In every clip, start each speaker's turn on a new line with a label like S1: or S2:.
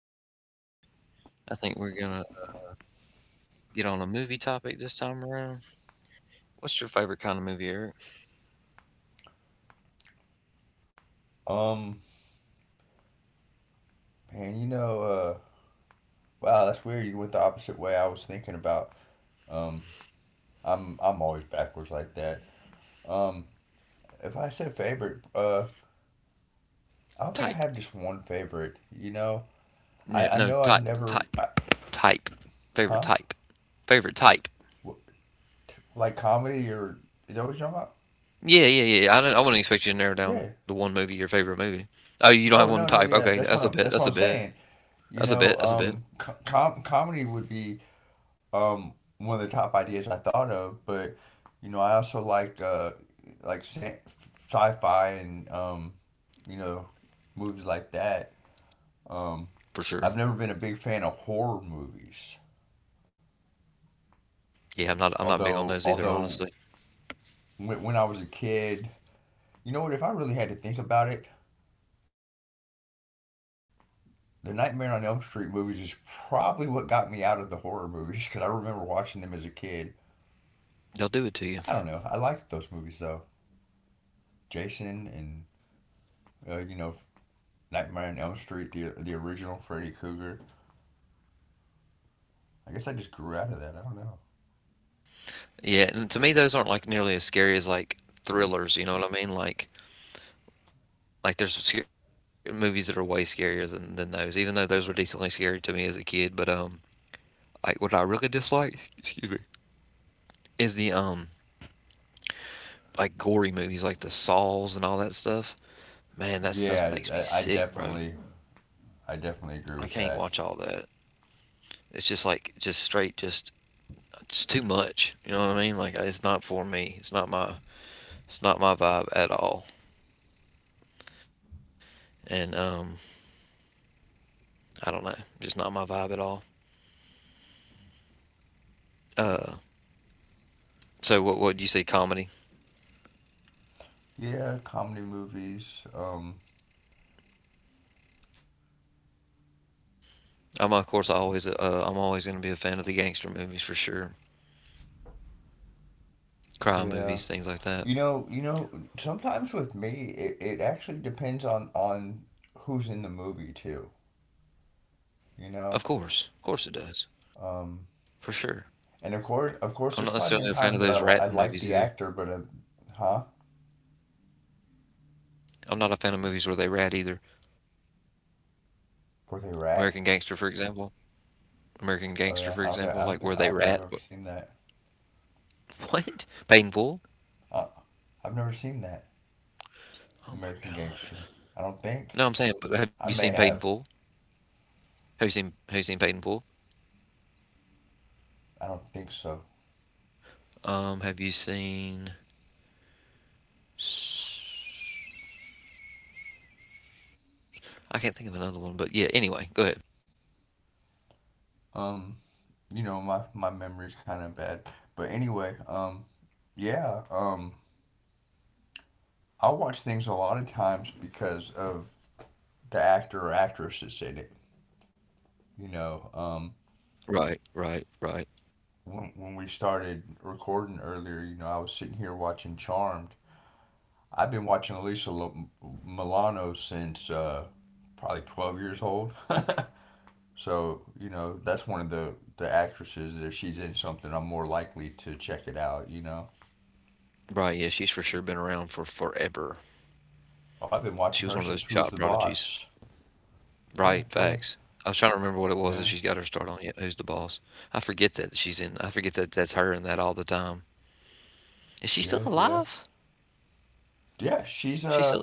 S1: Podcast Project. I think we're going to get on a movie topic this time around. What's your favorite kind of movie, Eric?
S2: Um, Man, you know, wow, that's weird. You went the opposite way I was thinking about. Um, I'm always backwards like that. Um, if I said favorite, I don't think I
S1: Type.
S2: have just one favorite. You know, I
S1: Yeah,
S2: I
S1: no,
S2: know I've
S1: type.
S2: never,
S1: Type.
S2: I,
S1: Type. Favorite
S2: huh?
S1: type. Favorite type.
S2: Like comedy or is that what you're talking about?
S1: Yeah, yeah, yeah, yeah. I wouldn't expect you to narrow
S2: Yeah.
S1: down to one movie, your favorite movie. Oh, you don't have
S2: Oh,
S1: one
S2: no, no,
S1: type.
S2: yeah.
S1: Okay, that's a bit.
S2: That's what
S1: That's a
S2: I'm
S1: bit.
S2: saying. You
S1: That's a
S2: know,
S1: bit. That's a bit.
S2: comedy would be one of the top ideas I thought of, but you know, I also like sci-fi and you know, movies like that. Um,
S1: For sure.
S2: I've never been a big fan of horror movies.
S1: Yeah, I'm not. I'm not big on those either,
S2: Although,
S1: honestly.
S2: although when I was a kid, you know what? If I really had to think about it, the Nightmare on Elm Street movies is probably what got me out of the horror movies because I remember watching them as a kid. I don't
S1: They'll
S2: know.
S1: do it
S2: I
S1: to you.
S2: liked those movies though. Jason and you know, Nightmare on Elm Street, the original Freddy Krueger. I guess I just grew out of that. I don't know.
S1: Yeah, and to me, those aren't like nearly as scary as like thrillers. You know what I mean? Like movies that are way scarier than, those, even though those were decently scary to me as a kid. But like what I really dislike, excuse me, is the like gory movies, like the Saws and all that stuff. Man, that stuff makes me sick,
S2: Yeah,
S1: bro.
S2: I, I definitely, I
S1: I can't
S2: definitely
S1: watch
S2: agree
S1: all
S2: with
S1: that.
S2: that.
S1: It's just like just straight, just it's too much. You know what I mean? Like it's not for me. It's not my vibe at all. And I don't know, just not my vibe at all. Uh, so what do you say, comedy?
S2: Yeah, comedy movies.
S1: I'm of course always I'm always going to be a fan of the gangster movies for sure, crime movies, things like
S2: Yeah,
S1: that.
S2: you know. Sometimes with me, it actually depends on who's in the movie too. You know.
S1: Of course it does,
S2: Um,
S1: for sure.
S2: and of course,
S1: I'm not
S2: of course,
S1: necessarily
S2: there's
S1: a fan
S2: probably
S1: of
S2: been
S1: those
S2: times
S1: rat
S2: that
S1: movies
S2: I
S1: either.
S2: liked the actor, but huh?
S1: I'm not a fan of movies where they rat either.
S2: Were they
S1: American Gangster, for
S2: rat?
S1: example. American Gangster, for
S2: Oh
S1: example,
S2: yeah,
S1: like where they rat.
S2: I don't think I've ever seen that.
S1: What? Paid in Full?
S2: Uh, I've never seen that.
S1: Oh my
S2: American
S1: god.
S2: Gangster. I don't
S1: No,
S2: think.
S1: I'm saying, but have you seen
S2: I
S1: Paid in
S2: may
S1: Full?
S2: have.
S1: Have you seen Paid in Full?
S2: I don't think so.
S1: Have you seen? I can't think of another one, but yeah. Anyway, go ahead.
S2: Um, you know, my memory's kind of bad. But anyway, yeah, I watch things a lot of times because of the actor or actress that's in it. You know,
S1: Right, right, right.
S2: when we started recording earlier, you know, I was sitting here watching Charmed. I've been watching Milano since probably 12 years old. So you know that's one of the actresses that if she's in something, I'm more likely to check it out. You know,
S1: Right, yeah, she's for sure been around for forever.
S2: oh, I've been
S1: She was
S2: watching
S1: one of
S2: her
S1: those
S2: since
S1: child
S2: Who's the
S1: prodigies.
S2: Boss.
S1: Right,
S2: Yeah, yeah,
S1: facts. I was trying to remember what it was that
S2: yeah,
S1: she's got her start on. Yeah, who's the boss? I forget that she's in. I forget that that's her and that all the time. Is she still
S2: yeah, yeah,
S1: alive?
S2: yeah. She's
S1: She's still.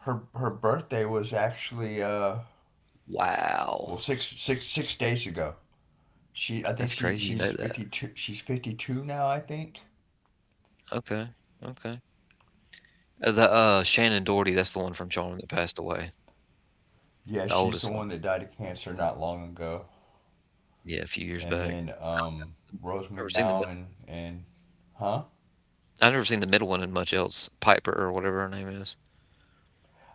S2: her birthday was actually
S1: Wow,
S2: well six six six days ago. She I
S1: that's
S2: think she
S1: crazy. You know that?
S2: she's 52 now I think.
S1: Okay, okay. The Shannon Doherty, that's the one from Charm that passed away.
S2: Yeah,
S1: The
S2: she's the
S1: oldest one.
S2: one that died of cancer not long ago.
S1: Yeah, a few years
S2: And
S1: back.
S2: then Rose
S1: I've never seen the. mid-
S2: McGowan and huh?
S1: I've never seen the middle one in much else. Piper or whatever her name is.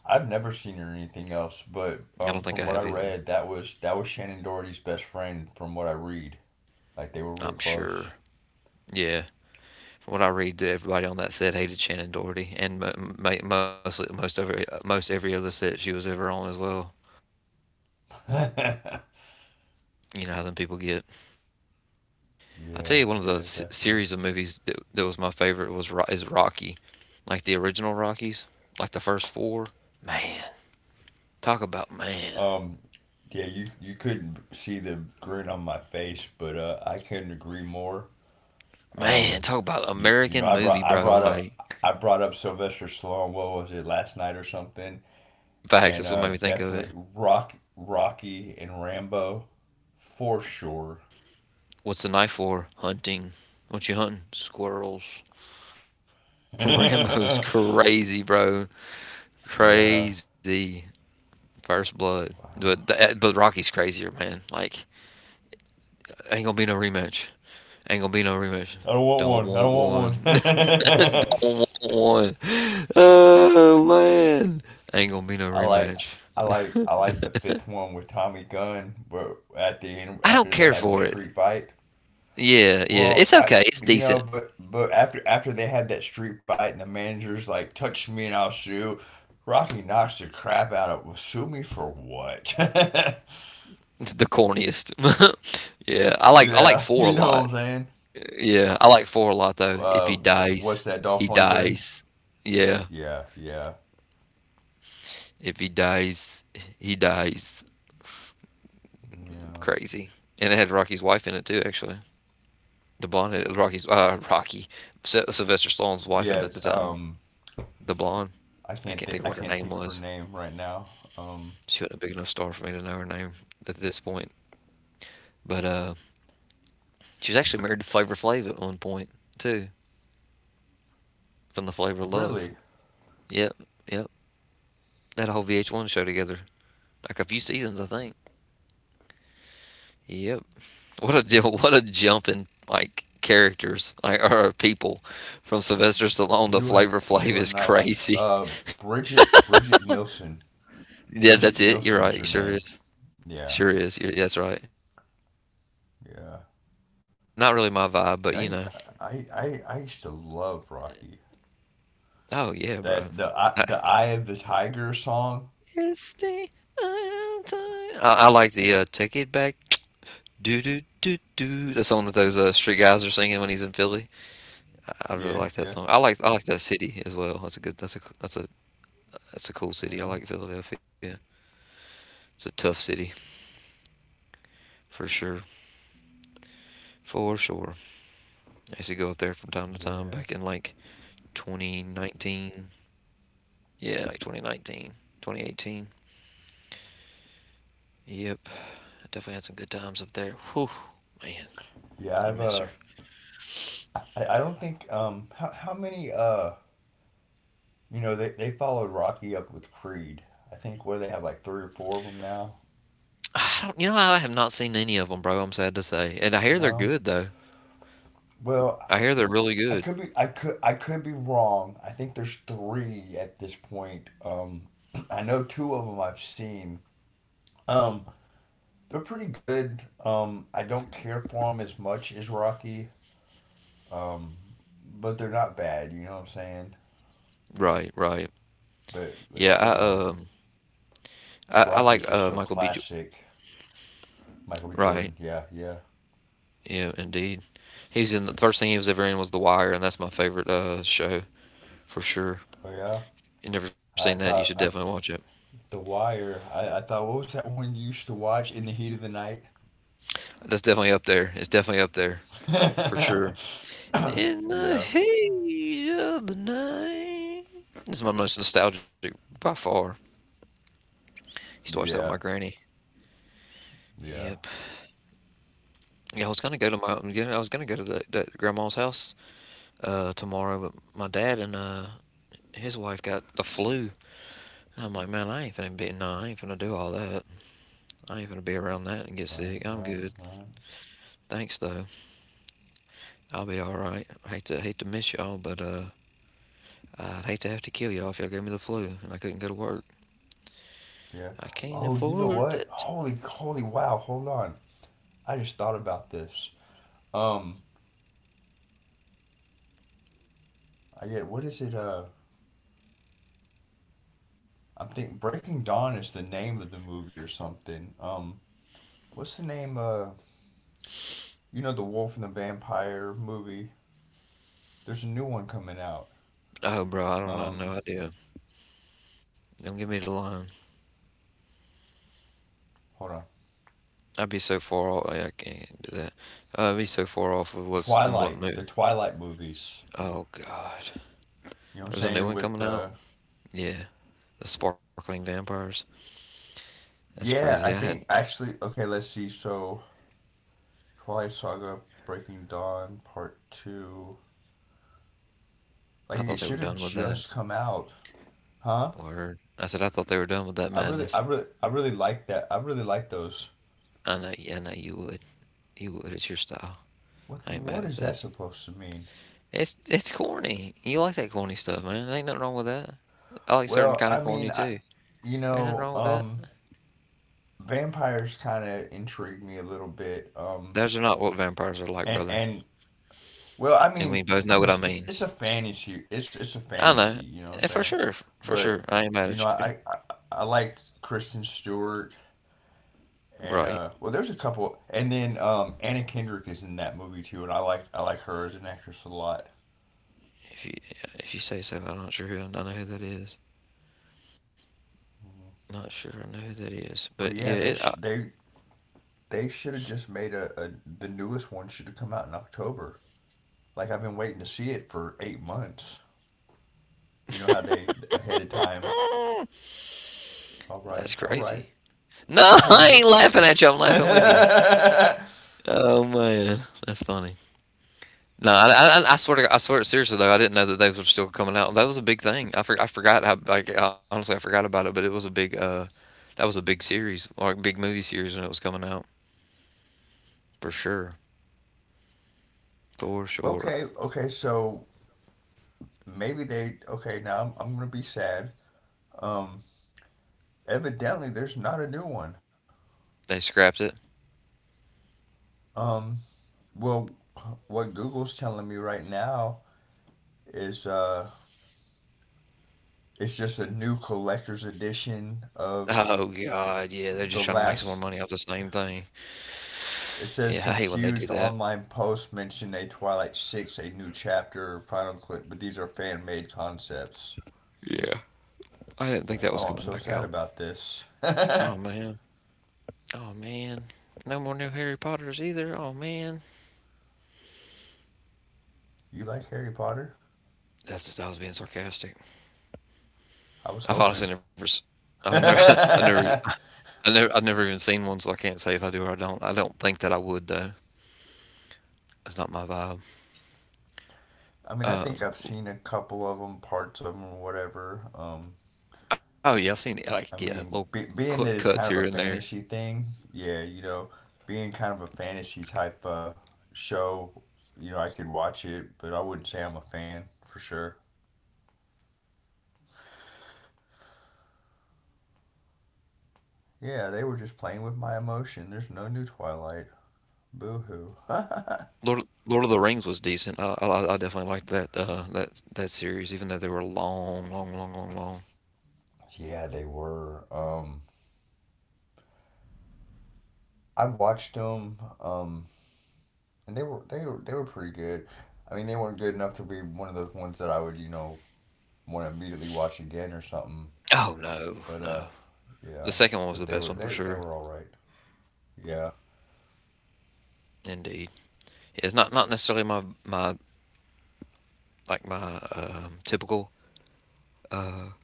S2: I've never seen her in anything else, but
S1: I don't
S2: from
S1: think I
S2: what I
S1: have either.
S2: read, that was Shannon Doherty's best friend. From what I read, like they were real
S1: I'm
S2: close.
S1: sure. Yeah. From what I read, everybody on that set hated Shannon Doherty, and most every other set she was ever on as well.
S2: Yeah,
S1: You know how them people get. I'll tell
S2: yeah,
S1: you one of the
S2: definitely.
S1: series of movies that, that was my favorite was is Rocky, like the original Rockies, like the first four. Man, talk about man,
S2: Um, yeah, you couldn't see the grin on my face, but I couldn't agree more.
S1: man,
S2: Um,
S1: talk about
S2: you know,
S1: American movie, bro. Like
S2: I brought up Sylvester Stallone. What was it, last night or something?
S1: facts,
S2: And
S1: that's what made me think of it.
S2: definitely Rocky and Rambo for sure.
S1: What's the knife for? Hunting. What you hunting? Squirrels. Rambo's crazy, bro.
S2: Yeah.
S1: Crazy. First blood. But but Rocky's crazier, man. Like ain't gonna be no rematch. Ain't gonna be no rematch.
S2: I don't
S1: Don't
S2: want one. I
S1: want
S2: don't want
S1: one. Don't
S2: one.
S1: want one. Oh man. Ain't gonna be no
S2: I like
S1: rematch.
S2: I like the fifth one with Tommy Gunn, but at the end
S1: I don't
S2: after they
S1: care
S2: had the
S1: for it.
S2: street fight.
S1: Yeah, yeah. It's
S2: Well, I
S1: okay. It's
S2: you know,
S1: decent.
S2: but after they had that street fight and the manager's like, "Touch me and I'll sue." Rocky knocks the crap out of, well, sue me for what?
S1: It's the corniest. Yeah. I like
S2: Yeah,
S1: four a
S2: you
S1: lot.
S2: know what I'm saying?
S1: Yeah. I like four a lot though. If he
S2: Uh,
S1: dies,
S2: what's that,
S1: he
S2: Dolph Lundgren?
S1: dies. Yeah.
S2: Yeah, yeah,
S1: If he dies, he dies.
S2: yeah,
S1: Crazy, and it had Rocky's wife in it too. Actually, the blonde had Rocky's Rocky Sylvester Stallone's wife in
S2: yeah.
S1: it at the time. The blonde,
S2: I
S1: I
S2: can't
S1: can't
S2: think
S1: think of
S2: I
S1: what her
S2: can't
S1: name
S2: think of her
S1: was.
S2: name right now. Um,
S1: She wasn't a big enough star for me to know her name at this point. But she was actually married to Flavor Flav at one point too, from the Flavor of Love.
S2: really,
S1: Yep, yep. That whole VH1 show together, like a few seasons, I think. Yep. What a deal! What a jump in like characters, like or people, from Sylvester Stallone to Flavor Flav
S2: you are
S1: is
S2: not like
S1: crazy.
S2: Bridget Nielsen.
S1: Yeah, that's
S2: Bridget
S1: it. You're
S2: Nielsen
S1: right.
S2: is
S1: You
S2: her
S1: sure
S2: name.
S1: is.
S2: Yeah,
S1: Sure is. You're, that's right.
S2: yeah,
S1: Not really my
S2: yeah.
S1: vibe, but you know.
S2: I used to love Rocky.
S1: Oh yeah,
S2: That the
S1: bro.
S2: The
S1: I,
S2: Eye of the Tiger song.
S1: it's the end time. I like the "Take It Back." Do do do do. The song that those street guys are singing when he's in Philly. I really
S2: Yeah,
S1: like that
S2: yeah,
S1: song. I like that city as well. That's a good. That's a cool city. I
S2: yeah,
S1: like Philadelphia. It's a tough city for sure. For sure. I used to go up there from time to time
S2: yeah,
S1: back in like 2019. Yeah, like 2019, 2018. Yep. I definitely had some good times up there. Whew, man,
S2: yeah.
S1: I
S2: I've
S1: miss her.
S2: I don't think how many you know, they followed Rocky up with Creed. I think where they have like 3 or 4 of them now.
S1: I don't, you know, I have not seen any of them, bro. I'm sad to say, and I hear they're
S2: No.
S1: good though.
S2: Well,
S1: I hear they're really good.
S2: I could be wrong. I think there's 3 at this point. I know 2 of them I've seen. Um, they're pretty good. I don't care for them as much as Rocky. Um, but they're not bad. You know what I'm saying?
S1: Right, right. Yeah,
S2: But you know,
S1: I
S2: Rocky's
S1: like
S2: just so
S1: Michael B. J-.
S2: classic. Michael B.
S1: Right.
S2: Jordan. Yeah, yeah,
S1: Yeah, indeed. He's in the first thing he was ever in was The Wire, and that's my favorite show for sure.
S2: oh yeah.
S1: You never seen
S2: I
S1: that? You should
S2: thought I,
S1: definitely watch it.
S2: The Wire. I thought, what was that one you used to watch? In the Heat of the Night?
S1: That's definitely up there. It's definitely up there for sure. In the
S2: Yeah,
S1: heat of the night. This is my most nostalgic by far. Used to watch that with my
S2: yeah,
S1: granny.
S2: yeah.
S1: Yep. Yeah, I was gonna go to that, that grandma's house tomorrow, but my dad and his wife got the flu. And I'm like, man, I ain't finna do all that. I ain't finna be around that and get
S2: Right,
S1: sick. I'm
S2: right,
S1: good.
S2: right.
S1: Thanks though. I'll be all right. I hate to hate to miss y'all, but I'd hate to have to kill y'all if y'all gave me the flu and I couldn't go to work.
S2: Yeah.
S1: I can't
S2: Oh, you know
S1: afford
S2: what?
S1: that.
S2: Holy, holy, wow. Hold on. I just thought about this. Um, I get, what is it? I'm thinking Breaking Dawn is the name of the movie or something. What's the name? You know, the Wolf and the Vampire movie. There's a new one coming out.
S1: Oh, bro, I don't
S2: Um,
S1: know. No idea. Don't give me the line.
S2: hold on.
S1: I'd be so far off. Hey, I can't do that. I'd be so far off of what's the what
S2: Twilight,
S1: new.
S2: the Twilight movies.
S1: Oh God,
S2: You know what I'm
S1: there's a new
S2: saying?
S1: one
S2: With
S1: coming out.
S2: the.
S1: Yeah, the Sparkling Vampires. That's crazy.
S2: Yeah,
S1: I
S2: I
S1: had
S2: think actually, okay, let's see. So Twilight Saga, Breaking Dawn, Part Two.
S1: I
S2: Like, it
S1: thought they were
S2: should have
S1: done with that.
S2: just come out, huh?
S1: Word. I said I thought they were done with that madness.
S2: I really like that. I really like those.
S1: I know. Yeah, I know you would. You would. It's your style. I ain't mad
S2: What
S1: at
S2: is that
S1: that.
S2: supposed to mean?
S1: It's corny. You like that corny stuff, man. There ain't nothing wrong with that. I like certain
S2: Well,
S1: kind of
S2: I
S1: corny
S2: mean,
S1: too.
S2: you
S1: Ain't nothing
S2: know,
S1: wrong with that.
S2: vampires kind of intrigue me a little bit.
S1: Those are not what vampires are like,
S2: And
S1: brother.
S2: well, I
S1: And we
S2: mean,
S1: both
S2: I'm
S1: know what I
S2: just,
S1: mean.
S2: it's a fantasy. It's a
S1: I
S2: fantasy.
S1: know.
S2: You know what I'm
S1: Eh, for
S2: saying?
S1: sure. For
S2: But
S1: sure. I ain't mad
S2: you know,
S1: at you.
S2: I liked Kristen Stewart and
S1: Right.
S2: well, there's a couple, and then Anna Kendrick is in that movie too, and I like, I like her as an actress a lot.
S1: If you if you say so, I'm not sure who I know who that is. Not sure I know who that is. But
S2: But
S1: yeah,
S2: yeah,
S1: it,
S2: they
S1: I,
S2: sh they should have just made a, the newest one should have come out in October. Like, I've been waiting to see it for 8 months. You know how they ahead of time.
S1: that's
S2: All right,
S1: crazy. No,
S2: I hear
S1: I
S2: you.
S1: ain't laughing at you. I'm laughing with you. Oh man, that's funny. No, I swear to God. I swear, seriously though, I didn't know that those were still coming out. That was a big thing. I forgot how, like, honestly I forgot about it, but it was a big that was a big series, like big movie series when it was coming out for sure. For sure.
S2: Okay, okay, so maybe they okay, now I'm gonna be sad. Um, evidently, there's not a new one.
S1: They scrapped it.
S2: Um, well, what Google's telling me right now is it's just a new collector's edition of
S1: Oh God, yeah, they're just
S2: the
S1: trying to make some more
S2: last.
S1: money off the same thing.
S2: It says,
S1: Yeah, I hate when they do
S2: "Confused
S1: that.
S2: online posts mention a Twilight Six, a new chapter, final clip, but these are fan made concepts."
S1: Yeah. I didn't think that
S2: Oh,
S1: was
S2: I'm
S1: coming
S2: so
S1: back
S2: sad
S1: out.
S2: about this. You
S1: Oh man. Oh man. No more new Harry Potters either. Oh man.
S2: like Harry Potter?
S1: That's just, I was being sarcastic.
S2: I was
S1: I've
S2: hoping.
S1: honestly never s- I've never I never
S2: I
S1: I've never even seen one, so I can't say if I do or I don't. I don't think that I would though. It's not my vibe.
S2: mean, I think I've seen a couple of them, parts of them, whatever.
S1: Oh yeah, I've seen it, like yeah,
S2: I
S1: little
S2: mean, being that
S1: cuts
S2: it's
S1: here and
S2: kind of a
S1: there.
S2: fantasy thing, yeah, you know, being kind of a fantasy type show, you know, I could watch it, but I wouldn't say I'm a fan for sure. Yeah, they were just playing with my emotion. There's no new Twilight. Boo hoo.
S1: Lord of the Rings was decent. I definitely liked that that series, even though they were long, long, long, long, long.
S2: Yeah, they were. I watched them, and they were they were pretty good. I mean, they weren't good enough to be one of those ones that I would, you know, want to immediately watch again or something.
S1: Oh no,
S2: But
S1: no. The
S2: yeah,
S1: second one was the
S2: but they
S1: best
S2: were,
S1: one for
S2: they
S1: sure.
S2: were all right. Yeah,
S1: Indeed, yeah, it's not necessarily my like my typical uh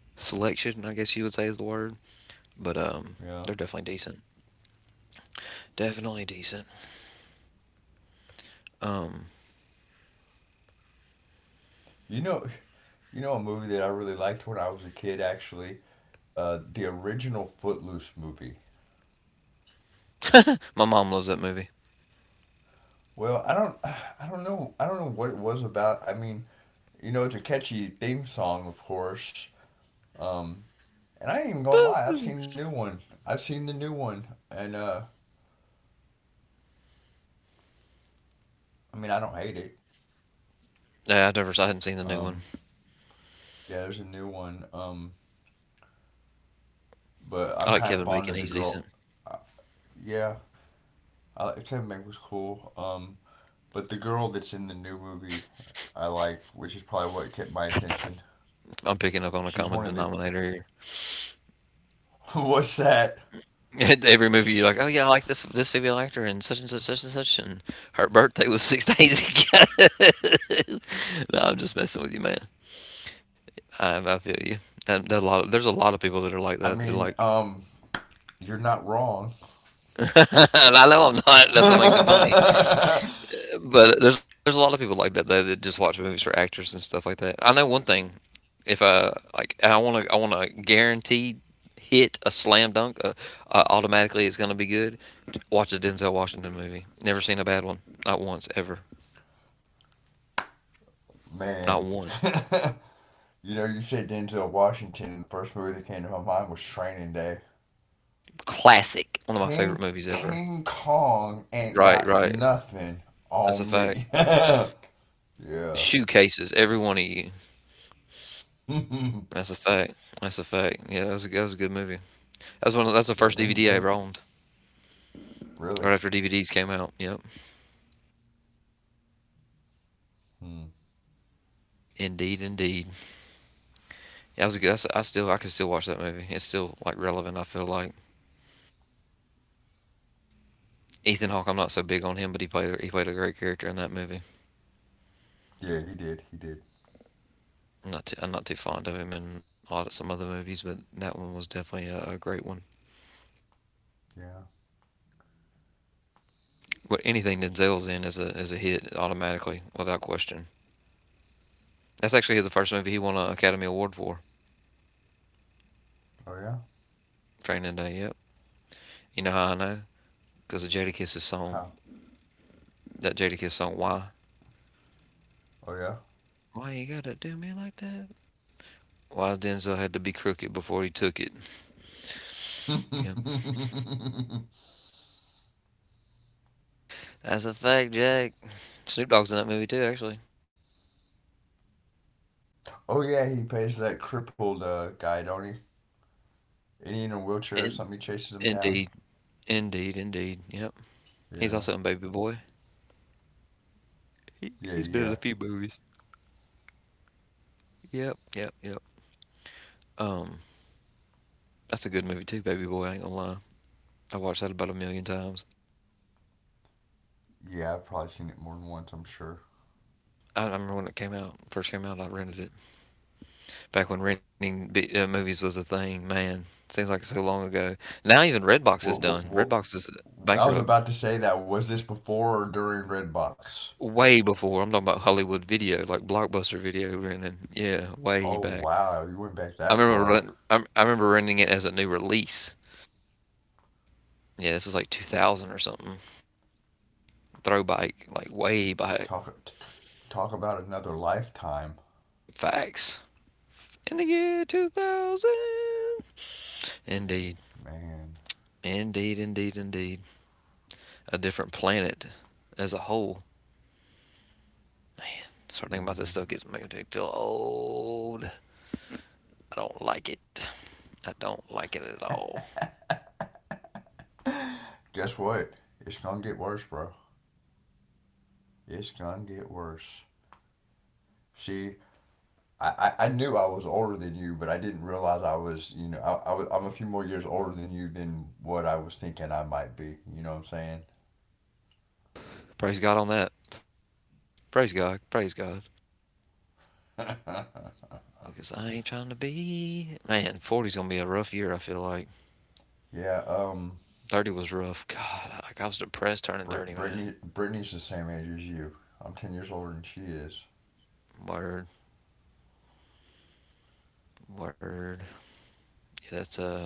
S1: selection. I guess you would say is the word, but
S2: yeah.
S1: they're definitely decent. Definitely decent. Um,
S2: You know, you know a movie that I really liked when I was a kid actually, the original Footloose movie.
S1: my mom loves that movie.
S2: Well, I don't, I don't know what it was about. I mean, you know, it's a catchy theme song, of course. Um, and I ain't even gonna lie, I've seen
S1: Boo-hoo.
S2: the new one. And I mean, I don't hate it.
S1: Yeah, I never, I hadn't seen the new
S2: Um,
S1: one.
S2: yeah, there's a new one. But
S1: I like
S2: I'm kind
S1: Kevin
S2: of
S1: Bacon.
S2: fond of
S1: He's
S2: the
S1: decent.
S2: girl. Uh, yeah, I, like, Tim Meg was cool. But the girl that's in the new movie, I like, which is probably what kept my attention.
S1: I'm picking up on a
S2: She's
S1: common
S2: one of the.
S1: denominator here.
S2: What's that?
S1: Every movie, you're like, "Oh yeah, I like this female actor and such and such, and her birthday was six days ago." No, I'm just messing with you, man. I feel you. And there are there's a lot of people that are like
S2: I
S1: that. They're
S2: mean,
S1: like,
S2: you're not wrong.
S1: and I know I'm not. That's what makes it funny. But there's a lot of people like that though, that just watch movies for actors and stuff like that. I know one thing. If I like, I want to guaranteed hit a slam dunk, automatically it's going to be good. Watch a Denzel Washington movie. Never seen a bad one. Not once, ever. Not
S2: Man.
S1: one.
S2: You know, you said Denzel Washington, and the first movie that came to my mind was Training Day.
S1: Classic. One of my favorite
S2: King
S1: movies ever.
S2: King Kong ain't
S1: Right,
S2: got
S1: right.
S2: nothing
S1: That's a
S2: on
S1: fact.
S2: me. Yeah. Yeah,
S1: Shoe cases, every one of you. That's a fact. That's a fact. Yeah, that was that was a good movie. That's one. Of, that's the first DVD I
S2: didn't
S1: ever owned. Right
S2: really.
S1: after DVDs came out. Yep.
S2: Hmm.
S1: Indeed, indeed. Yeah, that was a good. That's, I still, I can still watch that movie. It's still like relevant. I feel like Ethan Hawke. I'm not so big on him, but he played a great character in that movie.
S2: Yeah, he did. He did.
S1: I'm not too fond of him in a lot of some other movies, but that one was definitely a great one.
S2: Yeah.
S1: What anything Denzel's in is a hit automatically without question. That's actually the first movie he won an Academy Award for.
S2: Oh yeah?
S1: Training Day. Yep. You know how I know? Because of Jadakiss' song.
S2: How?
S1: That Jadakiss song. Why?
S2: Oh yeah.
S1: Why you gotta do me like that? Why Denzel had to be crooked before he took it? Yep. That's a fact, Jack. Snoop Dogg's in that movie too, actually.
S2: Oh yeah, he pays that crippled guy, don't he? Any in a wheelchair or
S1: In,
S2: something, he chases him down.
S1: indeed, indeed, indeed. Yep. He's
S2: Yeah.
S1: also in Baby Boy.
S2: Yeah,
S1: He's been
S2: yeah.
S1: in a few movies. Yep, yep, yep. Um, that's a good movie too, Baby Boy. I ain't gonna lie. I watched that about a million times.
S2: Yeah, I've probably seen it more than once, I'm sure.
S1: I remember when it came out, first came out, I rented it. Back when renting movies was a thing, man. Seems like so long ago. Now even Redbox is done. Redbox
S2: What
S1: is
S2: I was
S1: bankrupt.
S2: about to say, that. Was this before or during Redbox?
S1: Way before. I'm talking about Hollywood video, like Blockbuster video renting. Yeah,
S2: Oh
S1: way back.
S2: wow, you went back that far.
S1: I remember renting it as a new release. Yeah, this is like 2000 or something. Throwback, like way back.
S2: Talk talk about another lifetime.
S1: Facts. In the year 2000. Indeed,
S2: Man,
S1: indeed, indeed, indeed. A different planet as a whole. Start thinking about this
S2: yeah.
S1: stuff gets me to feel old. I don't like it. I don't like it at all.
S2: Guess what? It's gonna get worse, bro. It's gonna get worse. See, I knew I was older than you, but I didn't realize I was, you know, I'm a few more years older than you than what I was thinking I might be. You know what I'm saying?
S1: Praise God on that. Praise God. Praise God. Because I ain't trying to be. Man, 40's going to be a rough year, I feel like.
S2: Yeah,
S1: 30 was rough. God, like I was depressed turning 30, man.
S2: Brittany, Brittany's the same age as you. I'm 10 years older than she is.
S1: Word. Word. Yeah,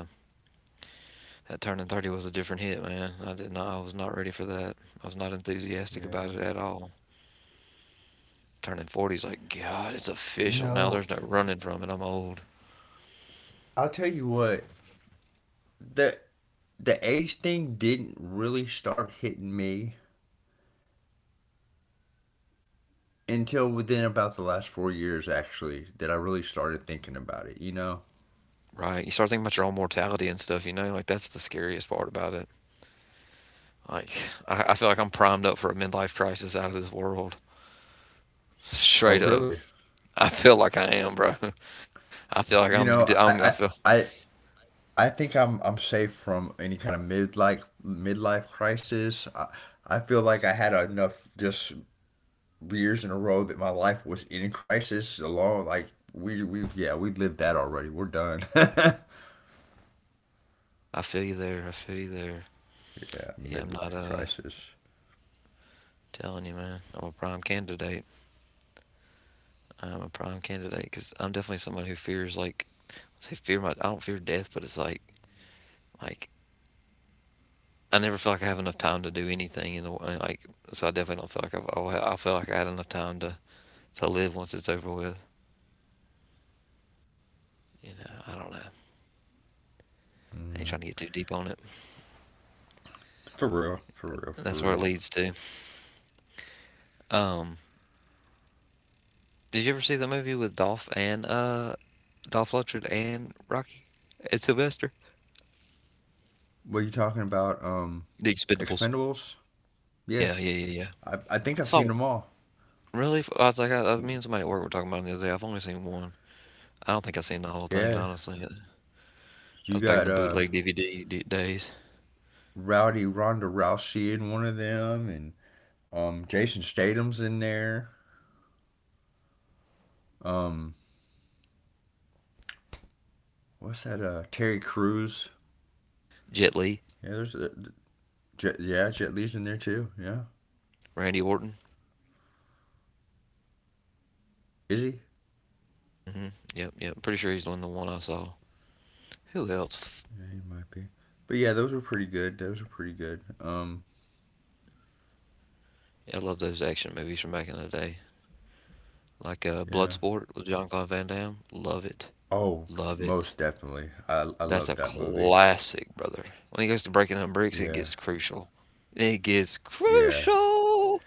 S1: that turning 30 was a different hit, man. I was not ready for that. I was not enthusiastic
S2: Yeah.
S1: about it at all. Turning 40 is like, God, it's
S2: You
S1: official now. There's
S2: know,
S1: no running from it. I'm old.
S2: I'll tell you what, the the age thing didn't really start hitting me until within about the last 4 years actually that I really started thinking about it, you know?
S1: Right. You start thinking about your own mortality and stuff, you know? Like, that's the scariest part about it. Like, I feel like I'm primed up for a midlife crisis out of this world. Straight
S2: Oh
S1: up.
S2: really?
S1: I feel like I am, bro. I feel like
S2: You know, I I I, I think I'm safe from any kind of midlife crisis. I feel like I had enough just years in a row that my life was in crisis alone. Like we yeah, we lived that already. We're done. Yeah,
S1: I feel you there. I feel you there. Yeah, I'm not,
S2: midlife crisis.
S1: telling you, man. I'm a prime candidate. I'm a prime candidate because I'm definitely someone who fears like I say fear my I don't fear death, but it's like I never feel like I have enough time to do anything in the way like so I definitely don't feel like I had enough time to live once it's over with. You know, I don't know. I ain't trying to get too deep on it.
S2: For real, for real, for
S1: That's where
S2: real.
S1: it leads to. Um, did you ever see the movie with Dolph Lundgren and Rocky and Sylvester?
S2: Were you talking about
S1: The Expendables.
S2: Expendables? Yeah.
S1: Yeah, yeah, yeah, yeah.
S2: I think I've seen them
S1: So
S2: all.
S1: really, I was like, me and somebody at work were talking about it the other day. I've only seen one. I don't think I've seen the whole thing,
S2: Yeah.
S1: honestly. I
S2: You
S1: was back in
S2: got
S1: the bootleg DVD days.
S2: Rowdy Ronda Rousey in one of them, and Jason Statham's in there. Um what's that Terry Crews?
S1: Jet Li,
S2: Yeah, there's Jet, yeah, Jet Li's in there too. Yeah.
S1: Randy Orton.
S2: Is he?
S1: Hmm. Yep, yep. Pretty sure he's the one I saw. Who else?
S2: Yeah, he might be. But yeah, those were pretty good. Those were pretty good.
S1: I love those action movies from back in the day, like
S2: Yeah.
S1: Bloodsport with Jean-Claude Van Damme. Love it,
S2: Oh,
S1: love it.
S2: most definitely. I
S1: That's
S2: love
S1: a
S2: that movie.
S1: classic, brother. When he goes to breaking down bricks, it
S2: Yeah.
S1: gets crucial. It gets
S2: Yeah.
S1: crucial.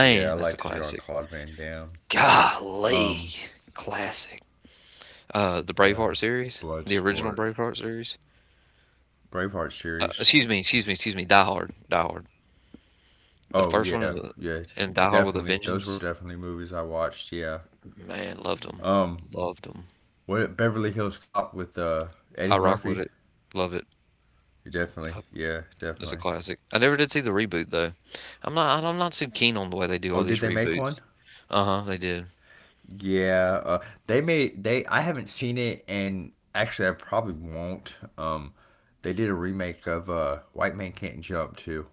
S2: Yeah, I
S1: that's a
S2: liked Jean
S1: classic.
S2: Claude Van Damme.
S1: Golly,
S2: Um,
S1: classic. The
S2: yeah,
S1: Braveheart series, the original
S2: Bloodsport,
S1: Braveheart series.
S2: Braveheart series.
S1: Excuse me. Die Hard. The
S2: Oh
S1: first one
S2: yeah,
S1: and, the-
S2: yeah,
S1: and Die Hard with a
S2: definitely. Those were
S1: Vengeance.
S2: definitely movies I watched. Yeah.
S1: Man, loved them,
S2: Um,
S1: loved them.
S2: what, Beverly Hills Cop with Eddie
S1: I rock with
S2: Murphy?
S1: it, love it.
S2: Definitely.
S1: I-
S2: Yeah,
S1: That's a
S2: definitely.
S1: classic. I never did see the reboot though. I'm not too keen on the way they do
S2: Oh,
S1: all these
S2: did they make
S1: reboots.
S2: one?
S1: Uh huh. They did.
S2: Yeah, they made, they. I haven't seen it, and actually, I probably won't. They did a remake of White Man Can't Jump too.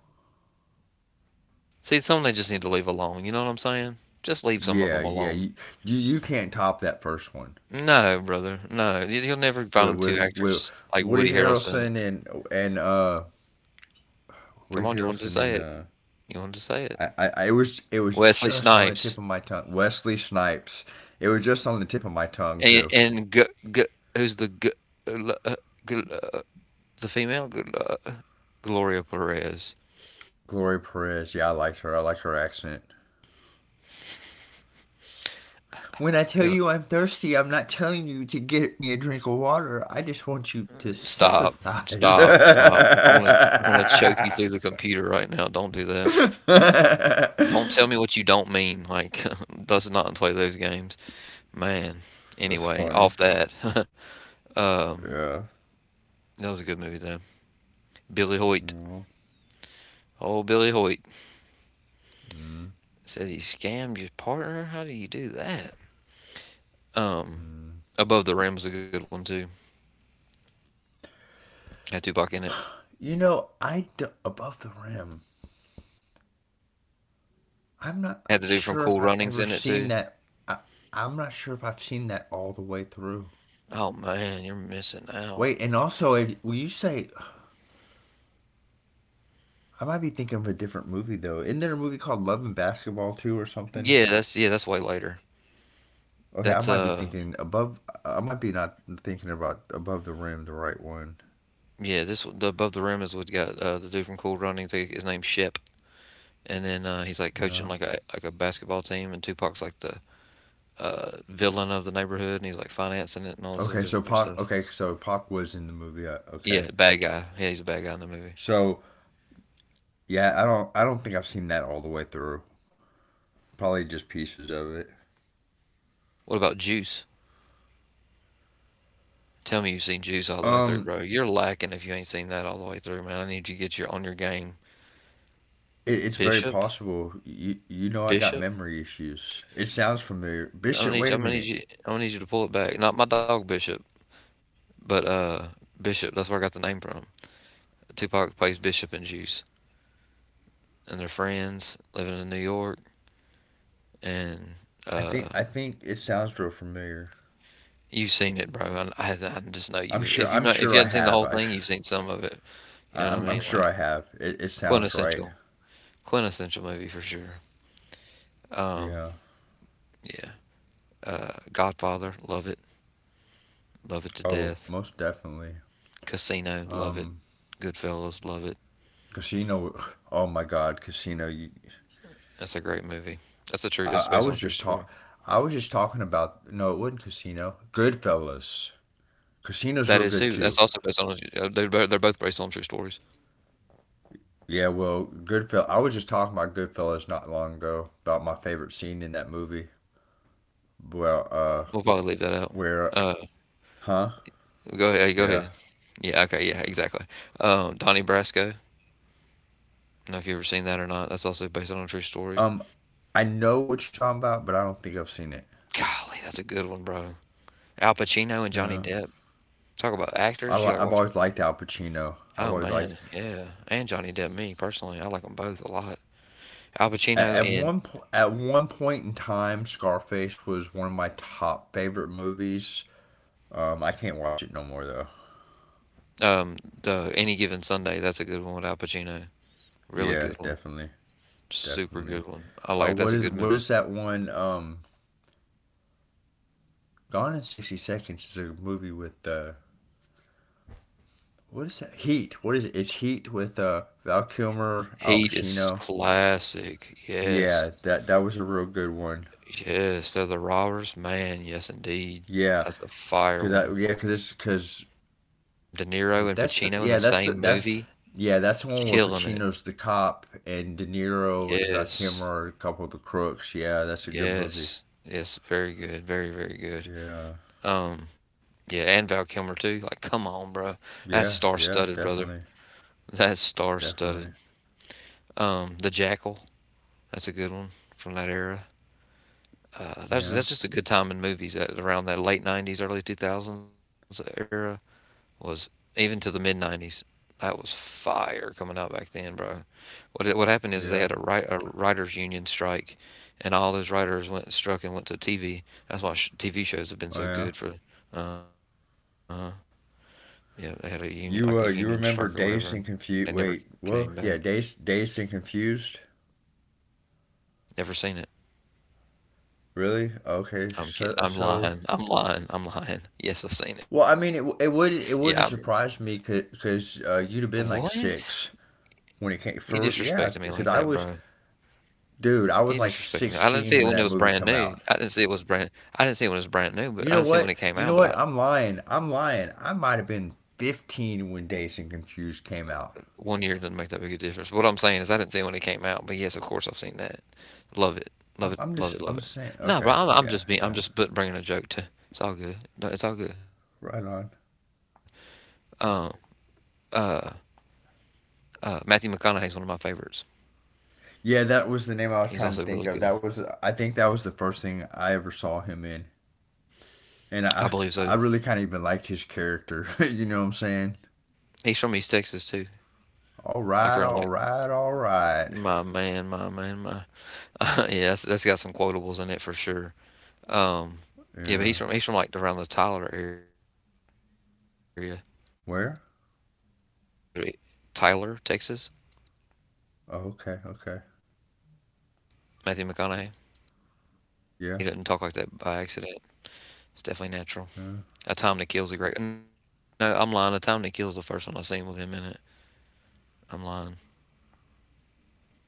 S1: See, some they just need to leave alone. You know what I'm saying? Just leave some of
S2: Yeah,
S1: them
S2: yeah.
S1: alone.
S2: You can't top that first one.
S1: No, brother. No. You'll never find
S2: with
S1: them two
S2: with with
S1: actors like
S2: Woody
S1: Woody Harrelson.
S2: Harrelson and
S1: Come
S2: Woody
S1: on, you wanted to
S2: Harrelson
S1: say
S2: and
S1: it. You wanted to say it.
S2: was, it was
S1: Wesley
S2: just on the tip
S1: Snipes.
S2: of my tongue. Wesley Snipes. It was just on the tip of my tongue too.
S1: And g- g- who's the g- uh, uh, g- uh, the female G- Gloria Perez.
S2: Gloria Perez. Yeah, I liked her. I like her accent. When I tell
S1: Yeah,
S2: you I'm thirsty, I'm not telling you to get me a drink of water. I just want you to
S1: stop,
S2: sympathize.
S1: stop, stop! I want to choke you through the computer right now. Don't do that. Don't tell me what you don't mean. Like, does not play those games, man.
S2: That's
S1: Anyway,
S2: funny.
S1: off that. um,
S2: Yeah.
S1: that was a good movie though. Billy Hoyt.
S2: Yeah.
S1: Oh, Billy Hoyt says he scammed your partner. How do you do that? Um, Above the Rim was a good one too. Had Tupac in it.
S2: Above the rim. I'm not
S1: Had to do from
S2: sure
S1: Cool
S2: if I've
S1: Runnings in
S2: ever
S1: it too.
S2: seen that. I, I'm not sure if I've seen that all the way through.
S1: Oh man, you're missing out.
S2: Wait, and also, if, will you say I might be thinking of a different movie though? Isn't there a movie called Love and Basketball too, or something?
S1: Yeah, that's way later.
S2: Okay, I
S1: That's
S2: might be thinking above. I might be not thinking about Above the Rim, the right one.
S1: yeah, this the above the rim is what you got the dude from Cool Runnings. His name's Shep, and then he's like coaching
S2: Well,
S1: like a basketball team, and Tupac's like the villain of the neighborhood, and he's like financing it and all this other
S2: okay, so
S1: different stuff.
S2: Pac. Okay, so Pac was in the movie.
S1: Yeah,
S2: Okay,
S1: bad guy. Yeah, he's a bad guy in the movie.
S2: so yeah, I don't. I don't think I've seen that all the way through. Probably just pieces of it.
S1: What about Juice? Tell me you've seen Juice all the way through,
S2: Um,
S1: bro. You're lacking if you ain't seen that all the way through, man. I need you to get your on your game.
S2: It, it's very
S1: Bishop,
S2: possible. You know, I got
S1: Bishop.
S2: memory issues. It sounds familiar. Bishop, wait a minute.
S1: I'm gonna need you to pull it back. Not my dog Bishop, but Bishop. That's where I got the name from. Tupac plays Bishop and Juice, and they're friends living in New York. And uh,
S2: I think it sounds real familiar.
S1: you've seen it, bro. I just know
S2: I'm
S1: you.
S2: sure. I'm
S1: If
S2: sure
S1: you
S2: I
S1: haven't seen the
S2: have.
S1: whole thing, you've seen some of it. You know what I
S2: I'm
S1: mean?
S2: sure I
S1: Like
S2: have. It sounds right.
S1: quintessential, quintessential movie for sure. Um,
S2: Yeah.
S1: yeah. Godfather, love it to
S2: Oh,
S1: death.
S2: most definitely.
S1: Casino, love it.
S2: Um,
S1: Goodfellas, love it.
S2: casino. Oh my God, casino.
S1: That's a great movie. That's a true.
S2: I,
S1: It's
S2: I
S1: based on a
S2: was
S1: true
S2: just
S1: story.
S2: talk. I was just talking about. No, it wasn't casino. Goodfellas.
S1: That is
S2: Casino's
S1: too.
S2: real
S1: That's
S2: good
S1: also
S2: too.
S1: based on. They're both based on true stories.
S2: Yeah, well, Goodfellas. I was just talking about Goodfellas not long ago about my favorite scene in that movie. Well,
S1: We'll probably leave that out.
S2: where,
S1: Uh,
S2: huh?
S1: go ahead. Hey, go ahead.
S2: Yeah.
S1: Yeah. Okay. Yeah. Exactly. Donnie Brasco. I don't know if you've ever seen that or not. That's also based on a true story.
S2: Um, I know what you're talking about, but I don't think I've seen it.
S1: Golly, that's a good one, bro. Al Pacino and
S2: Yeah.
S1: Johnny Depp. Talk about actors. You like
S2: I've always
S1: watching?
S2: liked Al Pacino. I've
S1: Oh
S2: always liked
S1: man, yeah. And Johnny Depp. Me personally, I like them both a lot. Al Pacino in
S2: at one point in time. Scarface was one of my top favorite movies. I can't watch it no more though.
S1: um, the Any Given Sunday. That's a good one with Al Pacino. Really
S2: Yeah,
S1: good one.
S2: definitely,
S1: Super
S2: definitely.
S1: good one. I like. That's a good
S2: What
S1: movie.
S2: is that one? Gone in 60 seconds is a movie with what is that? Heat. What is it? It's Heat with Val Kilmer, Al
S1: Heat is
S2: Pacino.
S1: classic.
S2: Yeah,
S1: Yes.
S2: that that was a real good one.
S1: Yes, they're the robbers. Man, yes indeed.
S2: Yeah,
S1: That's a
S2: cause
S1: fire
S2: that
S1: one.
S2: yeah, cause it's cause
S1: De Niro
S2: wait,
S1: and
S2: that's the,
S1: Pacino in the
S2: yeah, that's the
S1: same
S2: that
S1: movie,
S2: yeah, that's the one where
S1: killing it.
S2: Pacino's the cop and De Niro and Val Kilmer
S1: Yes.
S2: are a couple of the crooks. Yeah, that's a good movie.
S1: Yes. Yes, very good. Very, very good.
S2: Yeah,
S1: Um, yeah, and Val Kilmer too. Like, come on, bro. That's
S2: yeah, yeah,
S1: star-studded, brother.
S2: definitely,
S1: That's star-studded.
S2: definitely.
S1: The Jackal, that's a good one from that era.
S2: Yeah,
S1: That's just a good time in movies that around that late 90s, early 2000s era. Was even to the mid '90s. That was fire coming out back then, bro. What happened is they had
S2: yeah,
S1: a writers union strike, and all those writers went and struck and went to TV. TV shows have been
S2: oh
S1: so
S2: yeah.
S1: good for. Uh huh. Yeah, they had a union like a union strike or whatever, and
S2: You remember
S1: they never
S2: Dazed and
S1: came
S2: Confused?
S1: back.
S2: Wait, well, yeah, Dazed and Confused.
S1: Never seen it.
S2: Really? Okay.
S1: I'm lying. I'm lying. I'm lying. Yes, I've seen it.
S2: Well, I
S1: Yeah.
S2: mean, it would it wouldn't have surprised me,
S1: I'm,
S2: because
S1: what?
S2: you'd have been like six
S1: You disrespected
S2: when it
S1: me
S2: came
S1: like that,
S2: for
S1: bro.
S2: yeah. Because
S1: You disrespecting
S2: dude,
S1: me.
S2: I
S1: I
S2: was
S1: didn't
S2: like
S1: see it when it was brand
S2: 16 when
S1: new.
S2: that
S1: I
S2: movie
S1: didn't see
S2: come
S1: it was
S2: out.
S1: brand. I didn't see it when it was brand new, but I didn't see it when it
S2: You
S1: came
S2: know
S1: out. But
S2: what?
S1: I,
S2: You know what? I'm lying. I'm lying. I might have been 15 when Dazed and Confused came out.
S1: one year doesn't make that big a difference. What I'm saying is, I didn't see it when it came out. But yes, of course, I've seen that. Love it, love it,
S2: I'm
S1: love it,
S2: just
S1: love it.
S2: I'm saying.
S1: No, bro,
S2: Okay.
S1: I'm
S2: Yeah.
S1: just being. I'm
S2: Yeah.
S1: just but bringing a joke to. It's all good. No, it's all good.
S2: Right on.
S1: Um, uh, Matthew McConaughey's one of my favorites. He's
S2: Yeah,
S1: also
S2: that
S1: really
S2: was the
S1: good.
S2: name I was trying to think of. That was I think that was the first thing I ever saw him in.
S1: I
S2: And
S1: believe so.
S2: I really kind of even liked his character. You know what
S1: Hmm.
S2: I'm saying?
S1: He's from East Texas too.
S2: All
S1: Like around
S2: right,
S1: like
S2: all right, all right.
S1: my man, my man, my. Yeah, that's got some quotables in it for sure. Um, yeah, but
S2: Yeah.
S1: he's from like around the Tyler area. I used to go
S2: Where?
S1: to Tyler, Texas.
S2: Oh, okay, okay.
S1: Matthew McConaughey. He doesn't talk like that by
S2: Yeah,
S1: accident. It's definitely natural. A Time to Kill's a
S2: yeah,
S1: great. No, I'm lying. A Time to Kill's the first one I seen with him in it. I'm lying. Yeah, I saw that before.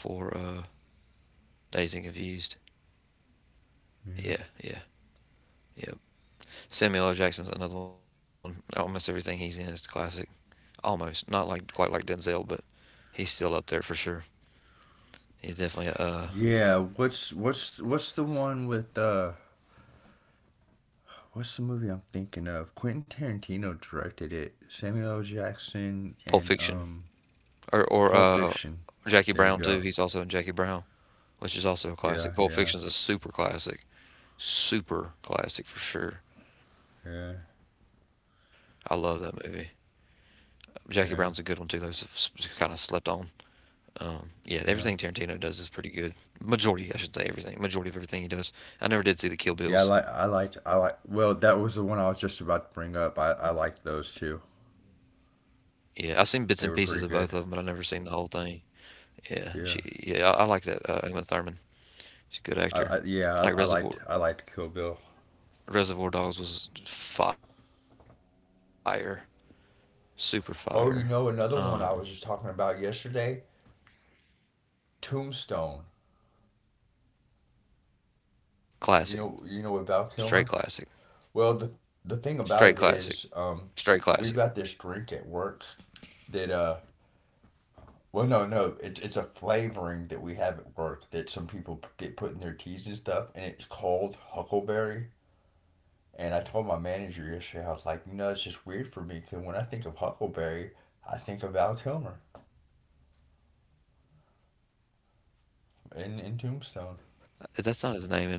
S1: Dazed and Confused. Yeah, yeah,
S2: yeah.
S1: yep. Samuel L. Jackson's another one. Almost everything he's in is classic. Almost not like quite like Denzel, but he's still up there for sure. He's definitely a
S2: Yeah. What's the one with uh? What's the movie I'm thinking of? Quentin Tarantino directed it. Samuel L. Jackson
S1: Pulp
S2: and
S1: Fiction. or or
S2: Pulp
S1: uh,
S2: Fiction.
S1: Jackie
S2: There you
S1: Brown too.
S2: go.
S1: He's also in Jackie Brown, which is also a
S2: Yeah,
S1: classic. Pulp
S2: yeah,
S1: Fiction's a super classic for sure. I love
S2: yeah,
S1: that movie. Jackie Brown's a good one too, though. It's
S2: yeah,
S1: kind of slept on. Yeah, everything Tarantino
S2: yeah.
S1: does is pretty good. Majority, I should say, everything. Majority of everything he does. I never did see the Kill
S2: Yeah, I
S1: Bills.
S2: like I liked I like. Well, that was the one I was just about to bring up. I liked those two.
S1: Yeah, I've seen bits and pieces of both of them,
S2: They
S1: but
S2: were
S1: I never
S2: pretty
S1: seen the
S2: good.
S1: whole thing. Yeah, she. Yeah, I
S2: Yeah.
S1: like that. Uma Thurman. She's a good actor. I like
S2: I liked Kill Bill.
S1: Reservoir Dogs was fire. Super fire. um,
S2: Oh, you know, another one I was just talking about yesterday, Tombstone.
S1: Classic,
S2: You know about
S1: straight
S2: Kilmer?
S1: classic,
S2: Well, the
S1: straight
S2: thing
S1: classic,
S2: about it is,
S1: straight classic.
S2: we've got this drink at work that well, no, no, it's it's a flavoring that we have at work that some people get put in their teas and stuff, and it's called huckleberry. And I told my manager yesterday, I was like, you know, it's just weird for me because when I think of huckleberry, I think of Val Kilmer in Tombstone.
S1: That's not his name in it though,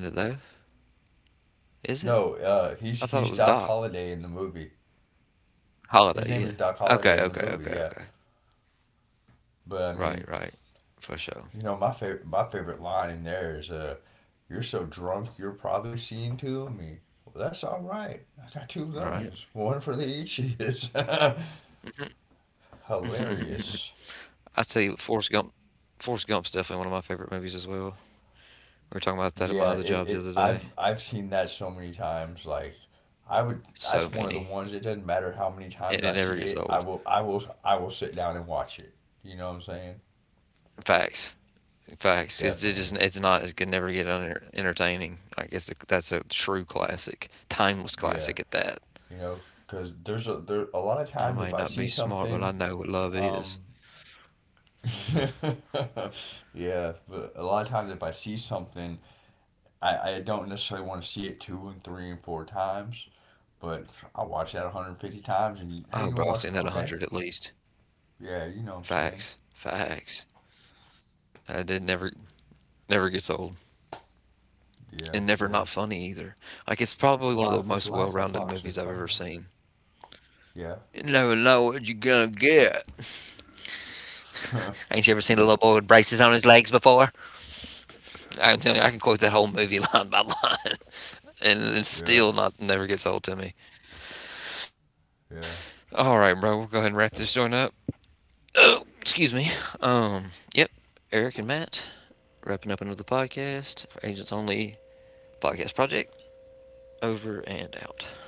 S1: is it?
S2: No,
S1: I thought it was
S2: he's
S1: Doc
S2: Doc Holliday in the movie.
S1: Holiday.
S2: His name is
S1: Yeah.
S2: Doc
S1: Okay. Okay.
S2: Holliday in the
S1: Okay. Okay.
S2: movie. Yeah, but I
S1: Right. Right.
S2: mean,
S1: For sure.
S2: you know, my favorite line in there is, "You're so drunk, you're probably seeing two of me." Well, that's all right. I got two
S1: Right.
S2: guns, one for the itchies. Hilarious.
S1: I tell you, Forrest Gump. Forrest Gump's definitely one of my favorite movies as well. We were talking about that in my
S2: Yeah,
S1: other
S2: it,
S1: job
S2: it
S1: the other day.
S2: I've seen that so many times. Like, I would. That's one of
S1: So
S2: the ones. It
S1: many,
S2: doesn't
S1: and
S2: matter
S1: it
S2: how
S1: never
S2: many
S1: gets
S2: times
S1: old.
S2: I see it. I will. I will. I will sit down and watch it. You know what I'm saying?
S1: Facts. Facts. It's it just
S2: Definitely.
S1: it's not it can never get uner entertaining. Like that's a true classic, timeless
S2: Yeah.
S1: classic at that.
S2: You know, because there's a
S1: I
S2: there
S1: may
S2: a
S1: not
S2: lot
S1: be
S2: of times
S1: smart,
S2: if
S1: but
S2: I
S1: I
S2: see
S1: know what love
S2: something,
S1: is.
S2: um, yeah, but a lot of times if I see something, I don't necessarily want to see it two and three and four times, but I watch that 150
S1: Oh, bro, I've
S2: times
S1: seen
S2: and you,
S1: that a
S2: hey, you
S1: hundred at
S2: want to watch?
S1: least.
S2: Okay. Yeah, you know what I'm saying?
S1: Facts. Facts. It never gets old,
S2: Yeah,
S1: and never not
S2: yeah.
S1: funny either. Like it's probably one of the
S2: Life
S1: most
S2: is like a
S1: well-rounded
S2: box
S1: movies
S2: of
S1: I've ever
S2: fire.
S1: seen.
S2: Yeah.
S1: You never know what you're gonna get. Ain't you ever seen a little boy with braces on his legs before? I can tell you, I can quote that whole movie line by line, and it
S2: Yeah,
S1: still not never gets old to me. All right,
S2: yeah.
S1: bro. We'll go ahead and wrap this joint up. Excuse me. Um, yep. Eric and Matt wrapping up another podcast for Agents Only Podcast Project. Over and out.